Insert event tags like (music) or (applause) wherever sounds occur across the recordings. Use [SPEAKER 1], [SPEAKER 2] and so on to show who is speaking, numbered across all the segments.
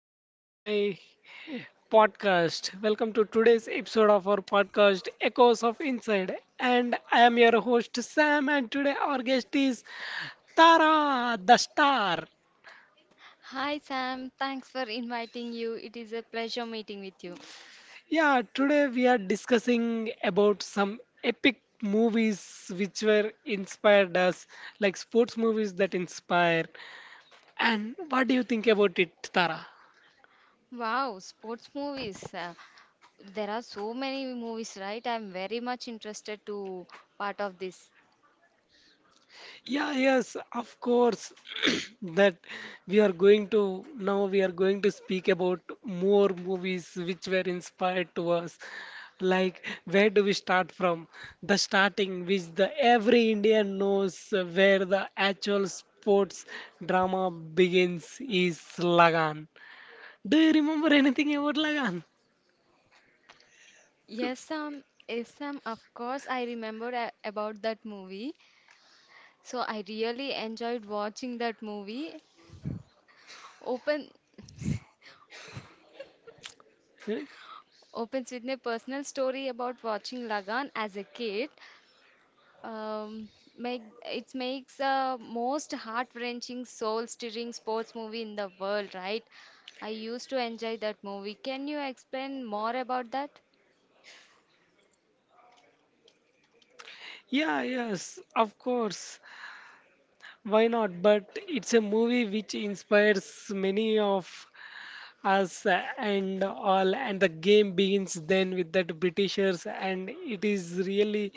[SPEAKER 1] welcome to my podcast. Welcome to today's episode of our podcast Echoes of Inside. And I am your host Sam, and today our guest is Tara the Star.
[SPEAKER 2] Hi Sam, thanks for inviting you. It is a pleasure meeting with you.
[SPEAKER 1] Yeah, today we are discussing about some epic movies which were inspired us, like sports movies that inspire. And what do you think about it, Tara?
[SPEAKER 2] Wow, sports movies. There are so many movies, right? I'm very much interested to part of this.
[SPEAKER 1] Yeah, yes, of course. (clears throat) That we are going to Now we are going to speak about more movies which were inspired to us. Like, where do we start from? The starting, which the every Indian knows, where the actual sports drama begins is Lagan. Do you remember anything about Lagan?
[SPEAKER 2] Yes, Sam.
[SPEAKER 1] (laughs)
[SPEAKER 2] Yes, Sam. Of course, I remember about that movie. So I really enjoyed watching that movie. Open (laughs) opens with my personal story about watching Lagan as a kid. um, make It makes the most heart-wrenching, soul-stirring sports movie in the world, right? I used to enjoy that movie. Can you explain more about that?
[SPEAKER 1] Yeah, yes, of course. Why not? But it's a movie which inspires many of us and all, and the game begins then with that Britishers, and it is really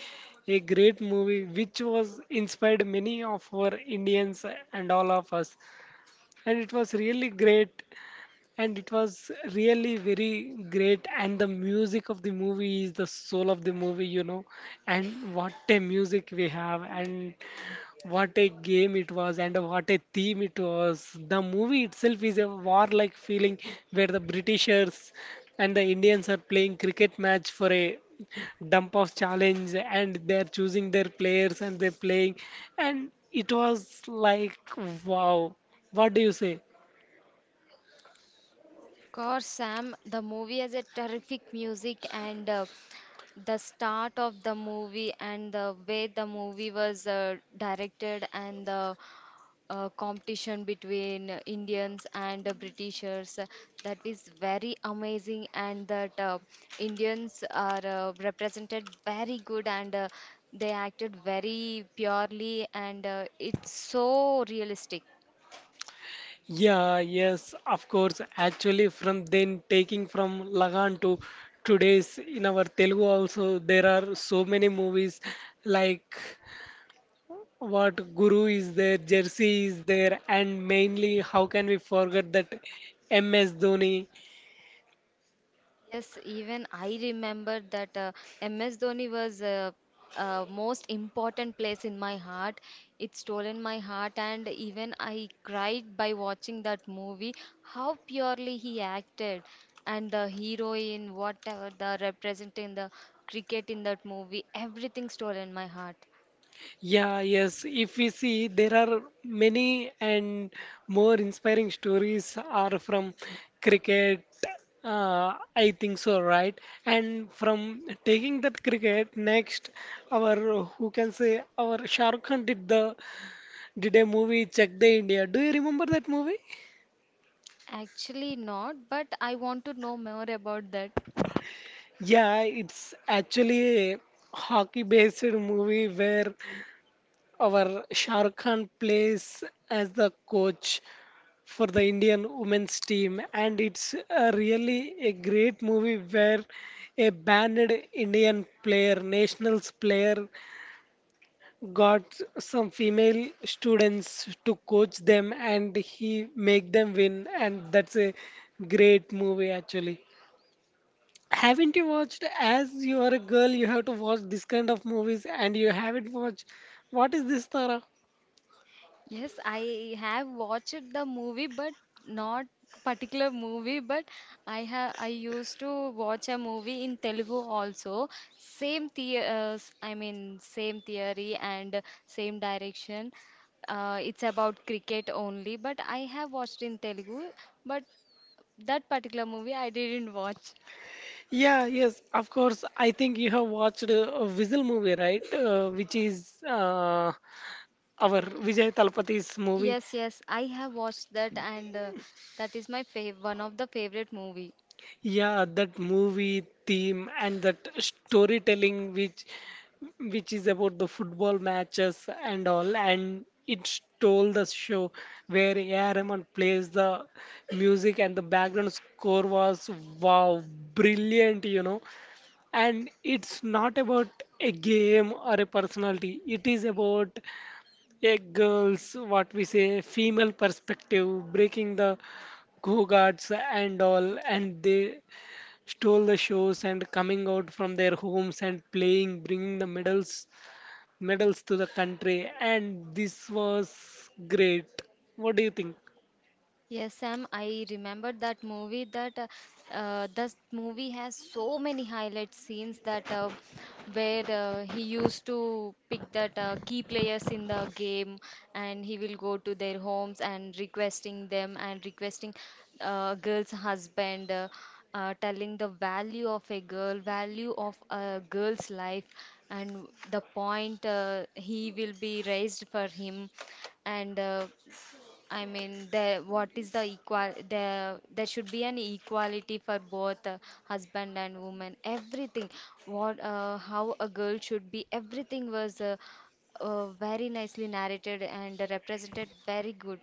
[SPEAKER 1] a great movie which was inspired many of our Indians and all of us, and it was really great, and it was really very great, and the music of the movie is the soul of the movie, you know, and what a music we have, and what a game it was, and what a theme it was. The movie itself is a warlike feeling where the Britishers and the Indians are playing cricket match for a dump of challenge, and they are choosing their players and they're playing. And it was like, wow, what do you say?
[SPEAKER 2] Of course, Sam. The movie has a terrific music, and the start of the movie, and the way the movie was directed, and the competition between Indians and Britishers. That is very amazing, and that Indians are represented very good and they acted very purely, and it's so realistic.
[SPEAKER 1] Yeah, yes, of course. Actually, from then taking from Lagan to today's in our Telugu also, there are so many movies like. What Guru is there, Jersey is there, and mainly how can we forget that MS Dhoni?
[SPEAKER 2] Yes, even I remember that MS Dhoni was most important place in my heart. It stolen my heart, and even I cried by watching that movie. How purely he acted, and the heroine, whatever the representing the cricket in that movie, everything stolen my heart.
[SPEAKER 1] Yeah, yes, if we see, there are many and more inspiring stories are from cricket. I think so, right? And from taking that cricket, next, our who can say our Shahrukh Khan did a movie Check the India. Do you remember that movie?
[SPEAKER 2] Actually, not, but I want to know more about that.
[SPEAKER 1] Yeah, it's actually a hockey-based movie where our Shah Rukh Khan plays as the coach for the Indian women's team, and it's really a great movie where a banned Indian player, nationals player, got some female students to coach them, and he make them win, and that's a great movie actually. Haven't you watched? As you are a girl, you have to watch this kind of movies, and you haven't watched. What is this, Tara?
[SPEAKER 2] Yes, I have watched the movie, but not particular movie. But I used to watch a movie in Telugu also. I mean same theory and same direction. It's about cricket only. But I have watched in Telugu. But that particular movie I didn't watch.
[SPEAKER 1] Yeah, yes, of course. I think you have watched a Visual movie, right? Which is our Vijay Talapati's movie.
[SPEAKER 2] Yes, yes, I have watched that, and that is my fav one of the favorite movie.
[SPEAKER 1] Yeah, that movie theme and that storytelling which is about the football matches and all, and it stole the show where A.R. Rahman plays the music and the background score was wow, brilliant, you know. And it's not about a game or a personality, it is about a girl's, what we say, female perspective, breaking the go guards and all, and they stole the shows and coming out from their homes and playing, bringing the medals to the country, and this was great. What do you think?
[SPEAKER 2] Yes, Sam, I remember that movie. That This movie has so many highlight scenes that where he used to pick that key players in the game, and he will go to their homes and requesting girl's husband, telling the value of a girl, value of a girl's life, and the point he will be raised for him, and. I mean, the what is the equal? The there should be an equality for both husband and woman. Everything, what, how a girl should be, everything was very nicely narrated and represented very good.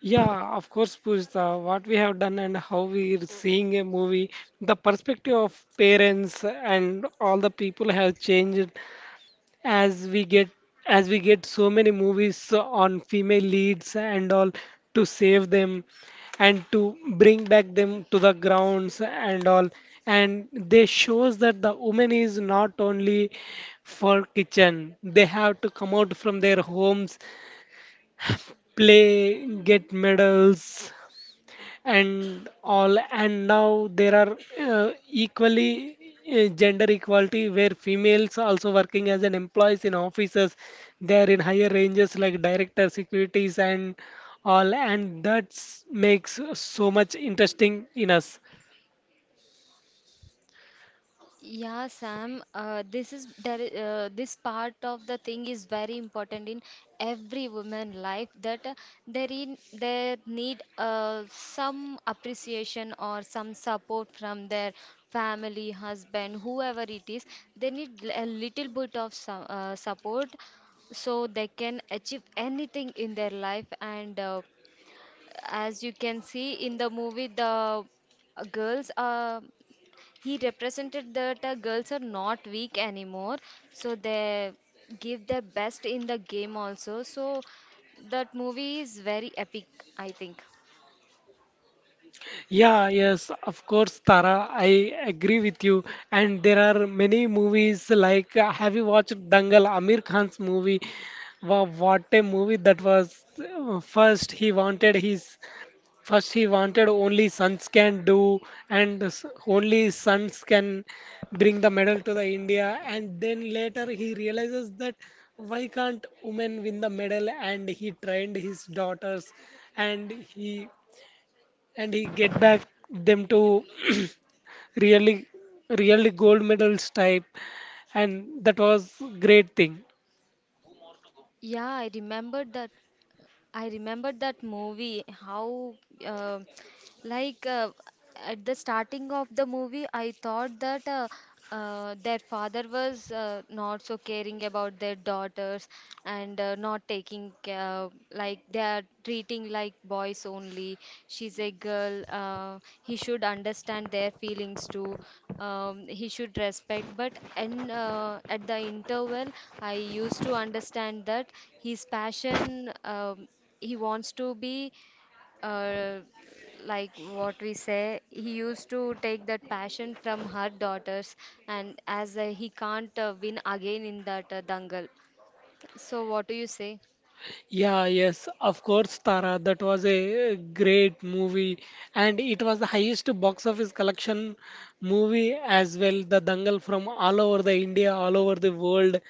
[SPEAKER 1] Yeah, of course, Pooja. What we have done and how we are seeing a movie, the perspective of parents and all the people have changed as we get as we get so many movies on female leads and all to save them and to bring back them to the grounds and all, and they shows that the woman is not only for kitchen, they have to come out from their homes, play, get medals and all. And now there are equally gender equality where females also working as an employees in offices, they are in higher ranges like director securities and all, and that makes so much interesting in us.
[SPEAKER 2] Yeah, Sam, this is there, this part of the thing is very important in every woman life that they in they need some appreciation or some support from their family, husband, whoever it is. They need a little bit of some, support so they can achieve anything in their life and as you can see in the movie the girls are he represented that girls are not weak anymore, so they give their best in the game also, so that movie is very epic, I think.
[SPEAKER 1] Yeah, yes, of course, Tara, I agree with you. And there are many movies like, have you watched Dangal, Amir Khan's movie? Wow, what a movie that was. First, he wanted only sons can do, and only sons can bring the medal to the India. And then later, he realizes that why can't women win the medal? And he trained his daughters, and he get back them to (clears throat) really really gold medals type, and that was great thing.
[SPEAKER 2] Yeah, I remembered that. I remembered that movie how uh, Like uh, at the starting of the movie, I thought that their father was not so caring about their daughters and not taking care, like they are treating like boys only. She's a girl. He should understand their feelings too. He should respect. But and At the interval, I used to understand that his passion. He wants to be uh, like what we say he used to take that passion from her daughters, and as he can't win again in that dangal, so what do you say?
[SPEAKER 1] Yeah, yes, of course, Tara. That was a great movie, and it was the highest box office collection movie as well. The Dangal from all over the India, all over the world.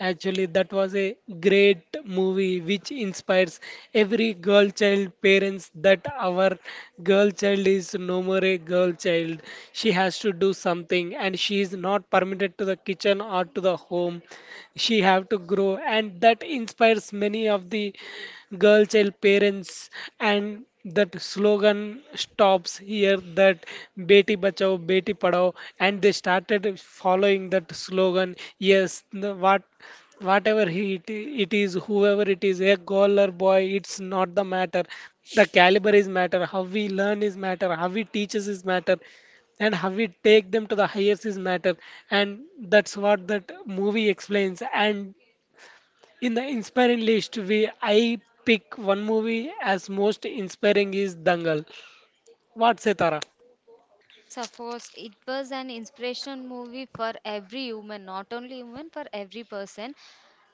[SPEAKER 1] Actually, that was a great movie which inspires every girl child parents that our girl child is no more a girl child. She has to do something, and she is not permitted to the kitchen or to the home, she have to grow, and that inspires many of the girl child parents. And that slogan stops here, that beti bachao beti padhao, and they started following that slogan. Yes, the, what whatever he it, it is whoever it is, a girl or boy, it's not the matter. The caliber is matter, how we learn is matter, how we teaches is matter, and how we take them to the highest is matter. And that's what that movie explains. And in the inspiring list, we I pick one movie as most inspiring is Dangal. What say, Tara?
[SPEAKER 2] Yes, of course, it was an inspirational movie for every human, not only human, for every person.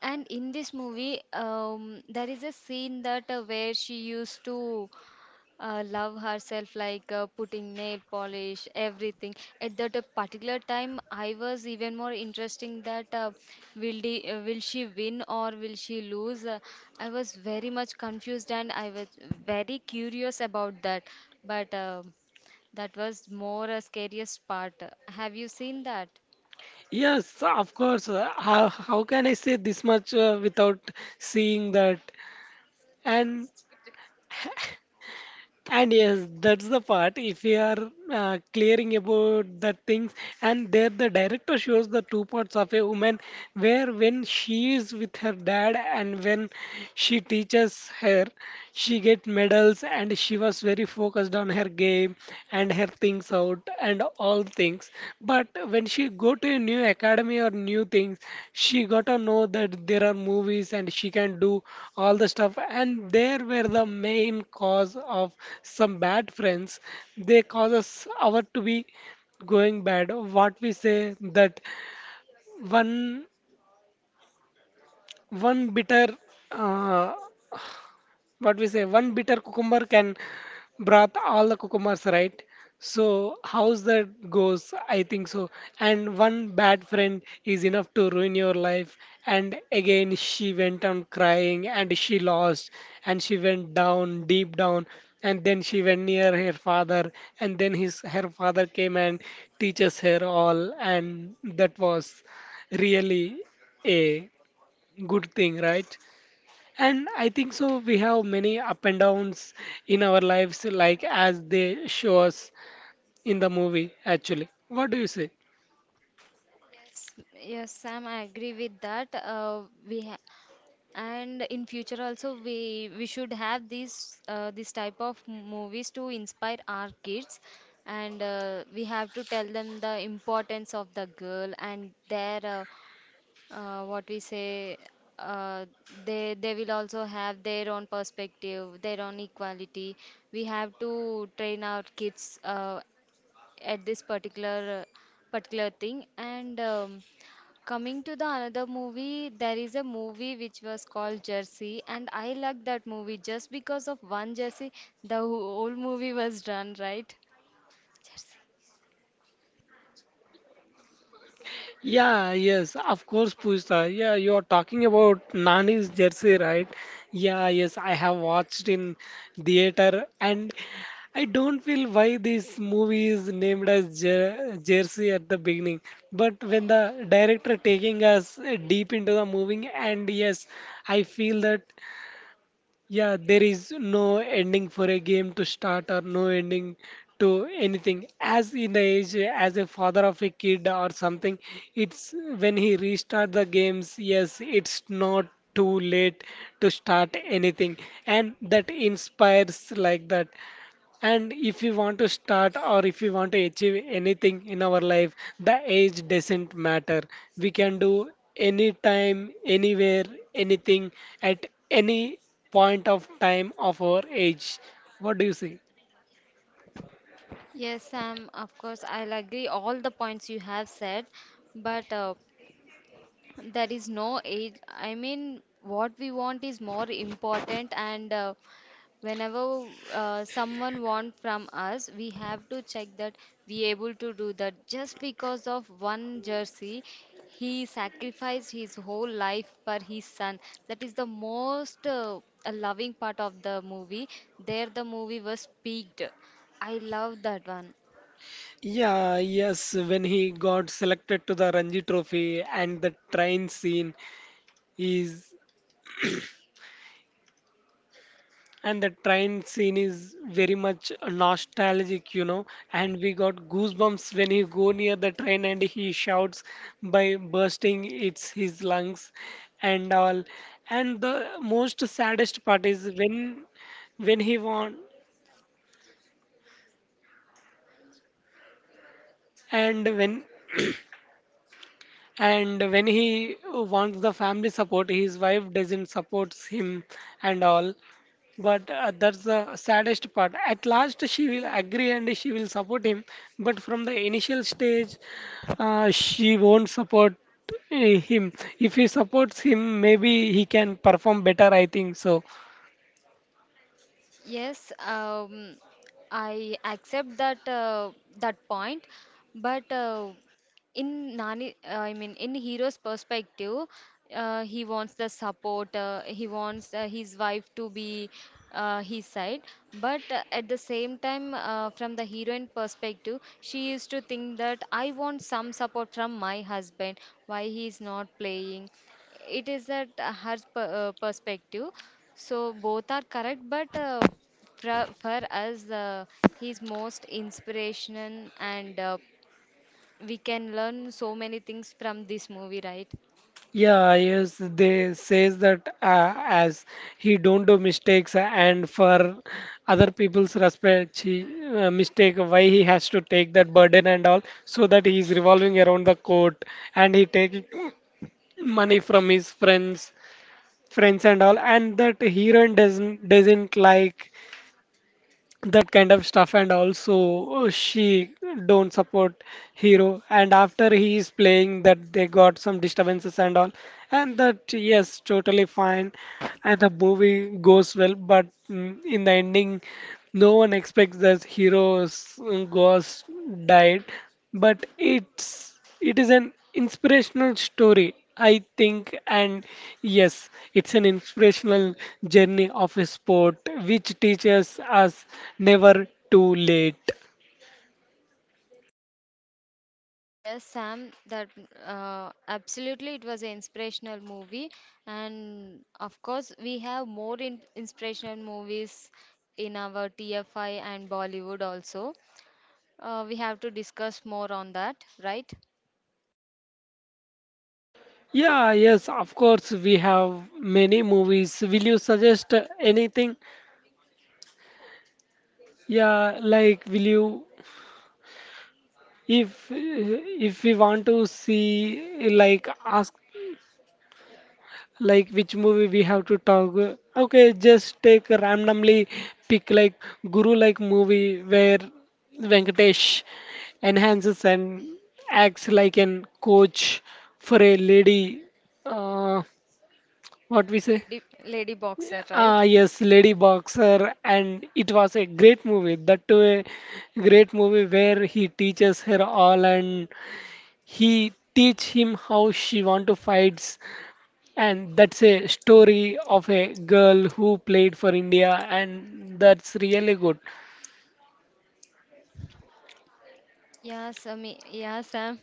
[SPEAKER 2] And in this movie, there is a scene that where she used to love herself, like putting nail polish, everything. At that particular time, I was even more interesting will she win or will she lose? I was very much confused, and I was very curious about that. But that was more a scariest part. Have you seen that?
[SPEAKER 1] Yes, of course. How can I say this much without seeing that? And (laughs) and yes, that's the part. If we are clearing about the things, and there the director shows the two parts of a woman, where when she is with her dad and when she teaches her, she get medals and she was very focused on her game and her things out and all things. But when she go to a new academy or new things, she got to know that there are movies and she can do all the stuff. And there were the main cause of some bad friends. They cause us our to be going bad. What we say that one one bitter uh, what we say one bitter cucumber can brought all the cucumbers, right? So how's that goes, I think so. And one bad friend is enough to ruin your life. And again she went on crying and she lost, and she went down, deep down. And then she went near her father, and then his her father came and teaches her all, and that was really a good thing, right? And I think so, we have many up and downs in our lives, like as they show us in the movie, actually. What do you say?
[SPEAKER 2] Yes, yes, Sam, I agree with that. We And in future also, we should have these this type of movies to inspire our kids, and we have to tell them the importance of the girl and their what we say uh, they will also have their own perspective, their own equality. We have to train our kids at this particular thing. And coming to the another movie, there is a movie which was called Jersey, and I like that movie just because of one Jersey, the whole movie was done, right? Jersey.
[SPEAKER 1] Yeah, yes, of course, Pooja. Yeah, you're talking about Nani's Jersey, right? Yeah, yes, I have watched in theater, and I don't feel why this movie is named as Jersey at the beginning. But when the director taking us deep into the movie, and yes, I feel that. Yeah, there is no ending for a game to start or no ending to anything. As in the age, as a father of a kid or something, it's when he restart the games, yes, it's not too late to start anything. And that inspires like that. And if we want to start or if we want to achieve anything in our life, the age doesn't matter. We can do anytime, anywhere, anything at any point of time of our age. What do you say?
[SPEAKER 2] Yes, Sam, of course, I'll agree all the points you have said, but there is no age. I mean, what we want is more important, and whenever someone want from us, we have to check that we able to do that. Just because of one jersey, he sacrificed his whole life for his son. That is the most a loving part of the movie. There the movie was peaked. I love that one.
[SPEAKER 1] Yeah, yes, when he got selected to the Ranji Trophy, is and the train scene is very much nostalgic, you know. And we got goosebumps when he go near the train and he shouts by bursting its his lungs and all. And the most saddest part is when he won, and when (clears throat) and when he wants the family support, his wife doesn't supports him and all. But that's the saddest part. At last, she will agree and she will support him. But from the initial stage, she won't support him. If he supports him, maybe he can perform better, I think so.
[SPEAKER 2] Yes, I accept that point, but in Nani, I mean, in hero's perspective, he wants the support. He wants his wife to be his side, but at the same time, from the heroine perspective, she used to think that I want some support from my husband, why he is not playing. It is that her per perspective. So both are correct, but for us, he's most inspirational, and we can learn so many things from this movie, right?
[SPEAKER 1] Yeah, yes, they says that as he don't do mistakes and for other people's respect, mistake, why he has to take that burden and all, so that he is revolving around the court and he take money from his friends and all, and that Hiran doesn't like that kind of stuff, and also she don't support Hero. And after he is playing, that they got some disturbances and all, and that yes, totally fine, and the movie goes well. But mm, in the ending, no one expects that hero's mm, ghost died. But it is an inspirational story, I think, and yes, it's an inspirational journey of a sport which teaches us never too late.
[SPEAKER 2] Yes, Sam, that absolutely it was an inspirational movie, and of course, we have more in inspirational movies in our TFI and Bollywood also. We have to discuss more on that, right?
[SPEAKER 1] Yeah, yes, of course, we have many movies. Will you suggest anything? Yeah, like, will you? If we want to see like ask like which movie we have to talk, okay, just take randomly pick like Guru like movie where Venkatesh enhances and acts like an coach for a lady. Uh, what we say?
[SPEAKER 2] Lady Boxer,
[SPEAKER 1] Ah,
[SPEAKER 2] right?
[SPEAKER 1] yes, Lady Boxer, and it was a great movie. That too, a great movie where he teaches her all and he teach him how she want to fights, and that's a story of a girl who played for India, and that's really good.
[SPEAKER 2] Yeah, Sam. Yeah, Sam.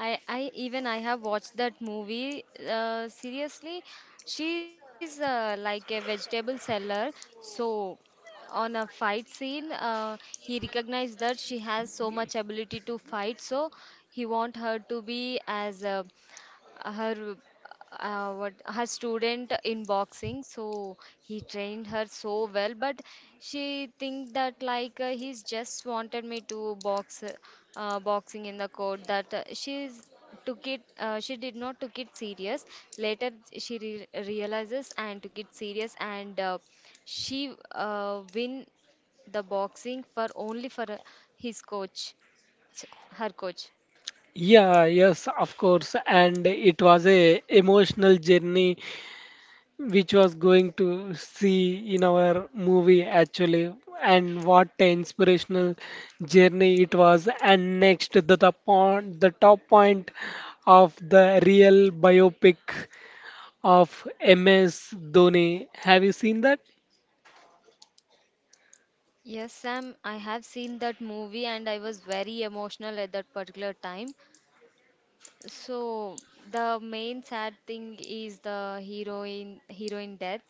[SPEAKER 2] I Even I have watched that movie. Seriously, she's like a vegetable seller. So on a fight scene, he recognized that she has so much ability to fight. So he want her to be as a her what her student in boxing. So he trained her so well, but she think that like he's just wanted me to boxing in the court, that she's took it, she did not took it serious. Later she realizes and took it serious, and she win the boxing for only for his coach s- her coach.
[SPEAKER 1] Yeah, yes, of course. And it was a emotional journey which was going to see in our movie actually. And what an inspirational journey it was. And next the top point of the real biopic of MS Dhoni. Have you seen that?
[SPEAKER 2] Yes, Sam, I have seen that movie and I was very emotional at that particular time. So the main sad thing is the heroine death.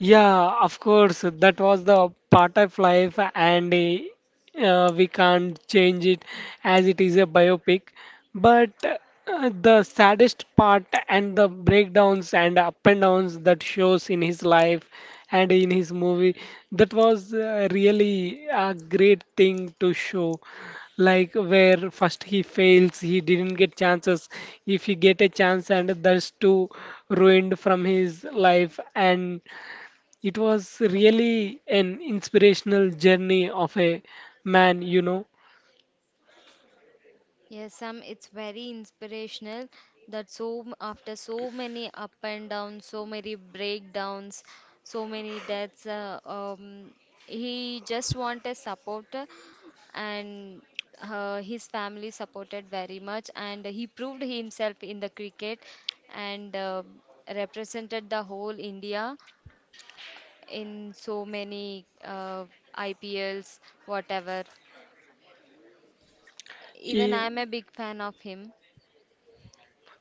[SPEAKER 1] Yeah, of course, that was the part of life, and we can't change it as it is a biopic. But the saddest part and the breakdowns and up and downs that shows in his life and in his movie, that was really a great thing to show. Like where first he fails, he didn't get chances. If he get a chance, and that's too ruined from his life, and it was really an inspirational journey of a man,
[SPEAKER 2] Yes, Sam, it's very inspirational that so after so many up and downs, so many breakdowns, so many deaths, he just want a supporter, and his family supported very much, and he proved himself in the cricket, and represented the whole India in so many IPLs, whatever. Even I'm a
[SPEAKER 1] He-
[SPEAKER 2] big fan of him.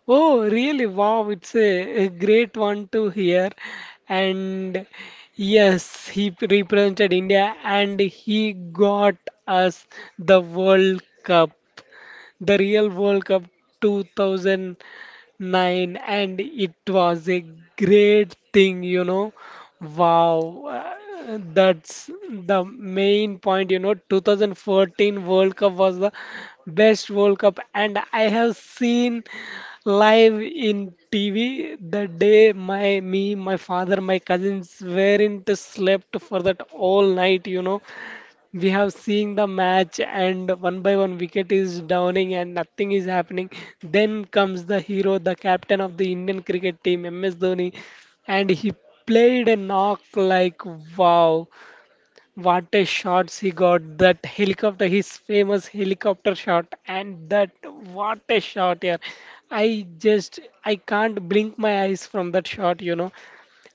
[SPEAKER 1] Oh, really? Wow, it's a great one to hear. And yes, he represented India, and he got us the World Cup, the real World Cup 2000 nine, and it was a great thing, you know. Wow, that's the main point, you know. 2014 World Cup was the best World Cup, and I have seen live in TV the day my father, my cousins weren't slept for that all night, you know, we have seen the match and one by one wicket is downing and nothing is happening. Then comes the hero, the captain of the Indian cricket team, MS Dhoni, and he played a knock like wow, what a shot he got! That helicopter, his famous helicopter shot, and that what a shot here! I just I can't blink my eyes from that shot, you know.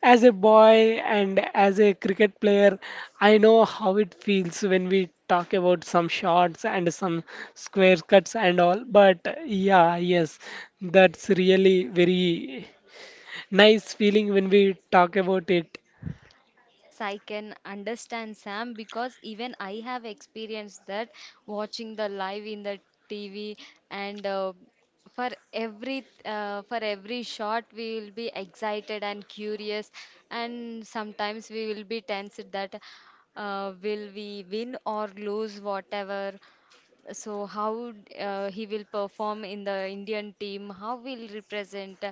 [SPEAKER 1] As a boy and as a cricket player, I know how it feels when we talk about some shots and some square cuts and all. But yeah, yes, that's really very nice feeling when we talk about it.
[SPEAKER 2] Yes, I can understand, Sam, because even I have experienced that, watching the live in the TV. And for every shot we will be excited and curious, and sometimes we will be tense that will we win or lose, whatever. So how he will perform in the Indian team, how will represent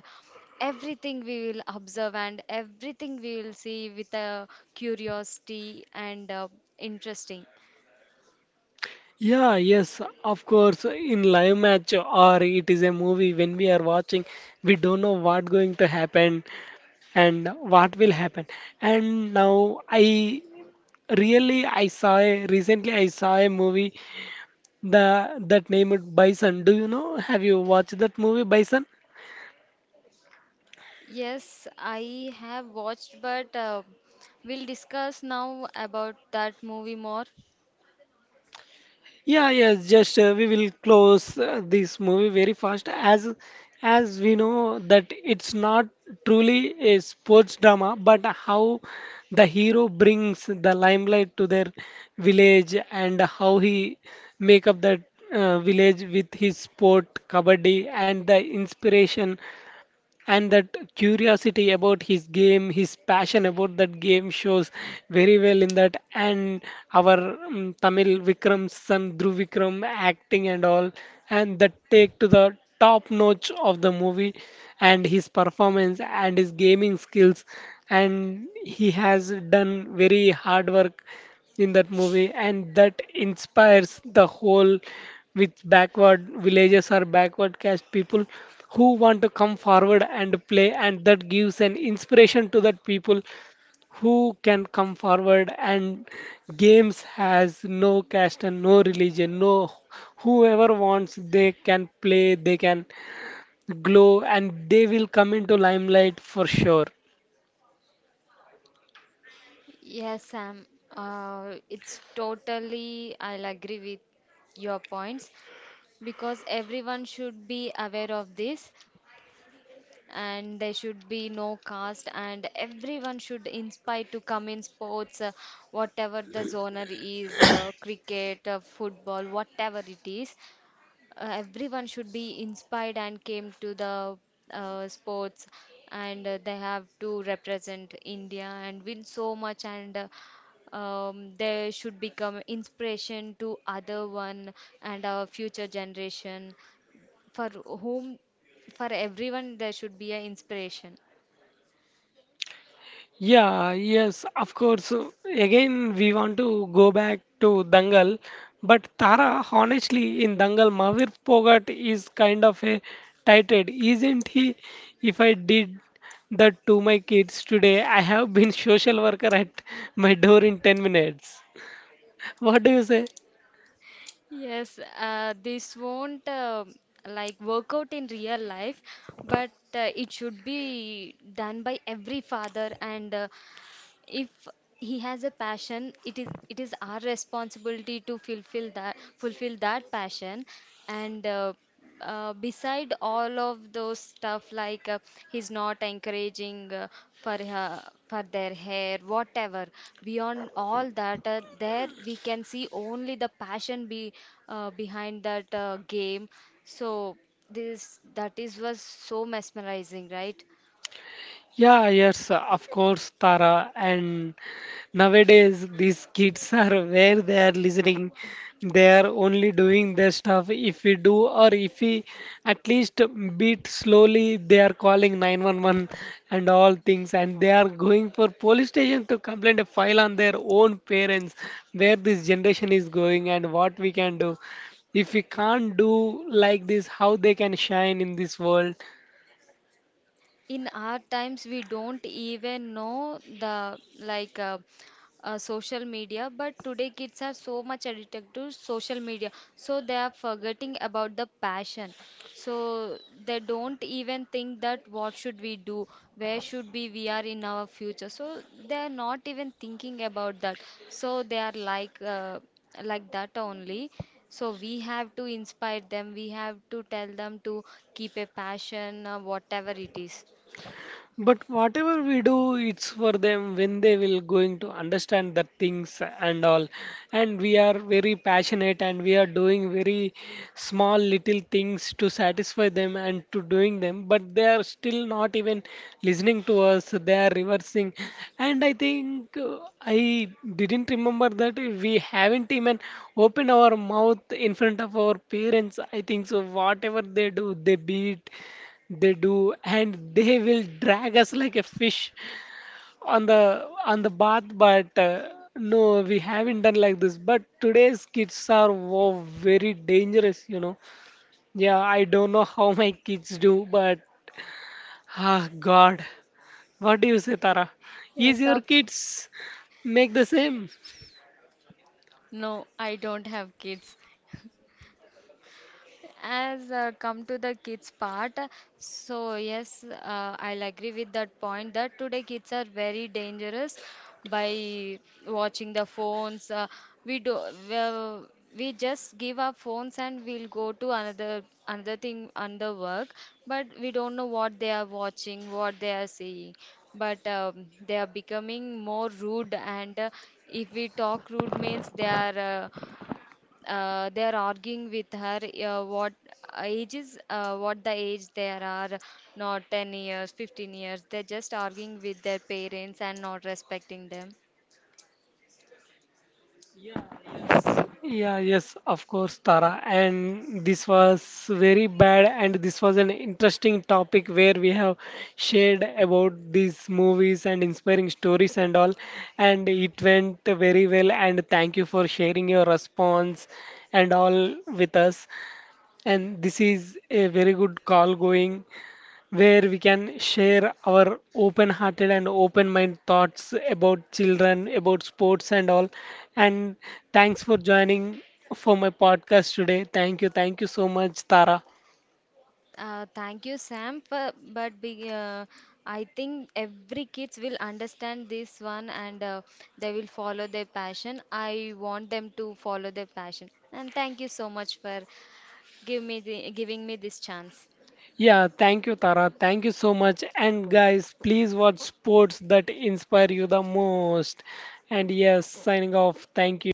[SPEAKER 2] everything. We will observe and everything we will see with a curiosity and interesting.
[SPEAKER 1] Yeah, yes, of course. In live match or it is a movie when we are watching, we don't know what going to happen and what will happen. And now I saw recently I saw a movie the that named Bison. Do you know? Have you watched that movie Bison?
[SPEAKER 2] Yes, I have watched, but we'll discuss now about that movie more.
[SPEAKER 1] Yeah, yes, just we will close this movie very fast as we know that it's not truly a sports drama, but how the hero brings the limelight to their village, and how he make up that village with his sport kabaddi, and the inspiration and that curiosity about his game, his passion about that game shows very well in that. And our Tamil Vikram's son Dhruv Vikram acting and all, and that take to the top notch of the movie, and his performance and his gaming skills, and he has done very hard work in that movie, and that inspires the whole with backward villages or backward caste people who want to come forward and play, and that gives an inspiration to that people who can come forward, and games has no caste and no religion, no, whoever wants they can play, they can glow, and they will come into limelight for sure.
[SPEAKER 2] Yes, Sam, it's totally I'll agree with your points, because everyone should be aware of this, and there should be no caste, and everyone should inspire to come in sports, whatever the zoner is, cricket, football, whatever it is. Uh, everyone should be inspired and came to the sports, and they have to represent India and win so much. And they should become inspiration to other one and our future generation, for whom, for everyone, there should be an inspiration.
[SPEAKER 1] Yeah, yes, of course. Again, we want to go back to Dangal, but Tara, honestly, in Dangal, Mahavir Pogat is kind of a titled, isn't he? If I did that to my kids today, I have been (laughs) social worker at my door in 10 minutes. What do you say?
[SPEAKER 2] Yes, this won't like work out in real life, but it should be done by every father. And if he has a passion, it is our responsibility to fulfill that passion. And beside all of those stuff, like he's not encouraging for their hair whatever. Beyond all that, there we can see only the passion be behind that game. So this that is was so mesmerizing, right?
[SPEAKER 1] Yeah, yes, of course, Tara. And nowadays, these kids (laughs) are where they are listening. They are only doing their stuff. If we do, or if we at least beat slowly, they are calling 911 and all things. And they are going for police station to complain a file on their own parents. Where this generation is going and what we can do if we can't do like this, how they can shine in this world?
[SPEAKER 2] In our times, we don't even know the like social media, but today kids are so much addicted to social media, so they are forgetting about the passion. So they don't even think that what should we do, where should be we are in our future. So they are not even thinking about that. So they are like that only. So we have to inspire them, we have to tell them to keep a passion, whatever it is.
[SPEAKER 1] But whatever we do, it's for them when they will going to understand the things and all. And we are very passionate and we are doing very small little things to satisfy them and to doing them. But they are still not even listening to us. They are reversing. And I think I didn't remember that we haven't even opened our mouth in front of our parents. I think so. Whatever they do, they beat, they do, and they will drag us like a fish on the bath. But no, we haven't done like this. But today's kids are wow, very dangerous, you know. Yeah, I don't know how my kids do, but ah, God, what do you say, Tara? Is
[SPEAKER 2] Yes,
[SPEAKER 1] your
[SPEAKER 2] of
[SPEAKER 1] kids make the same?
[SPEAKER 2] no, I don't have kids. As come to the kids part, so yes, I'll agree with that point that today kids are very dangerous by watching the phones. We do well, we just give our phones and we'll go to another thing, another work, but we don't know what they are watching, what they are seeing. But they are becoming more rude, and if we talk rude means they are. They are arguing with her what the age. There are not 10 years, 15 years, they're just arguing with their parents and not respecting them.
[SPEAKER 1] Yeah, yes, of course, Tara. And this was very bad, and this was an interesting topic where we have shared about these movies and inspiring stories and all. And it went very well. And thank you for sharing your response and all with us. And this is a very good call going where we can share our open hearted and open mind thoughts about children, about sports, and all. And thanks for joining for my podcast today. Thank you. Thank you so much, Tara.
[SPEAKER 2] Thank you, Sam, but be, uh, I think every kids will understand this one, and they will follow their passion. I want them to follow their passion, and thank you so much for giving me this chance.
[SPEAKER 1] Yeah, thank you, Tara. Thank you so much. And guys, please watch sports that inspire you the most. And yes, signing off. Thank you.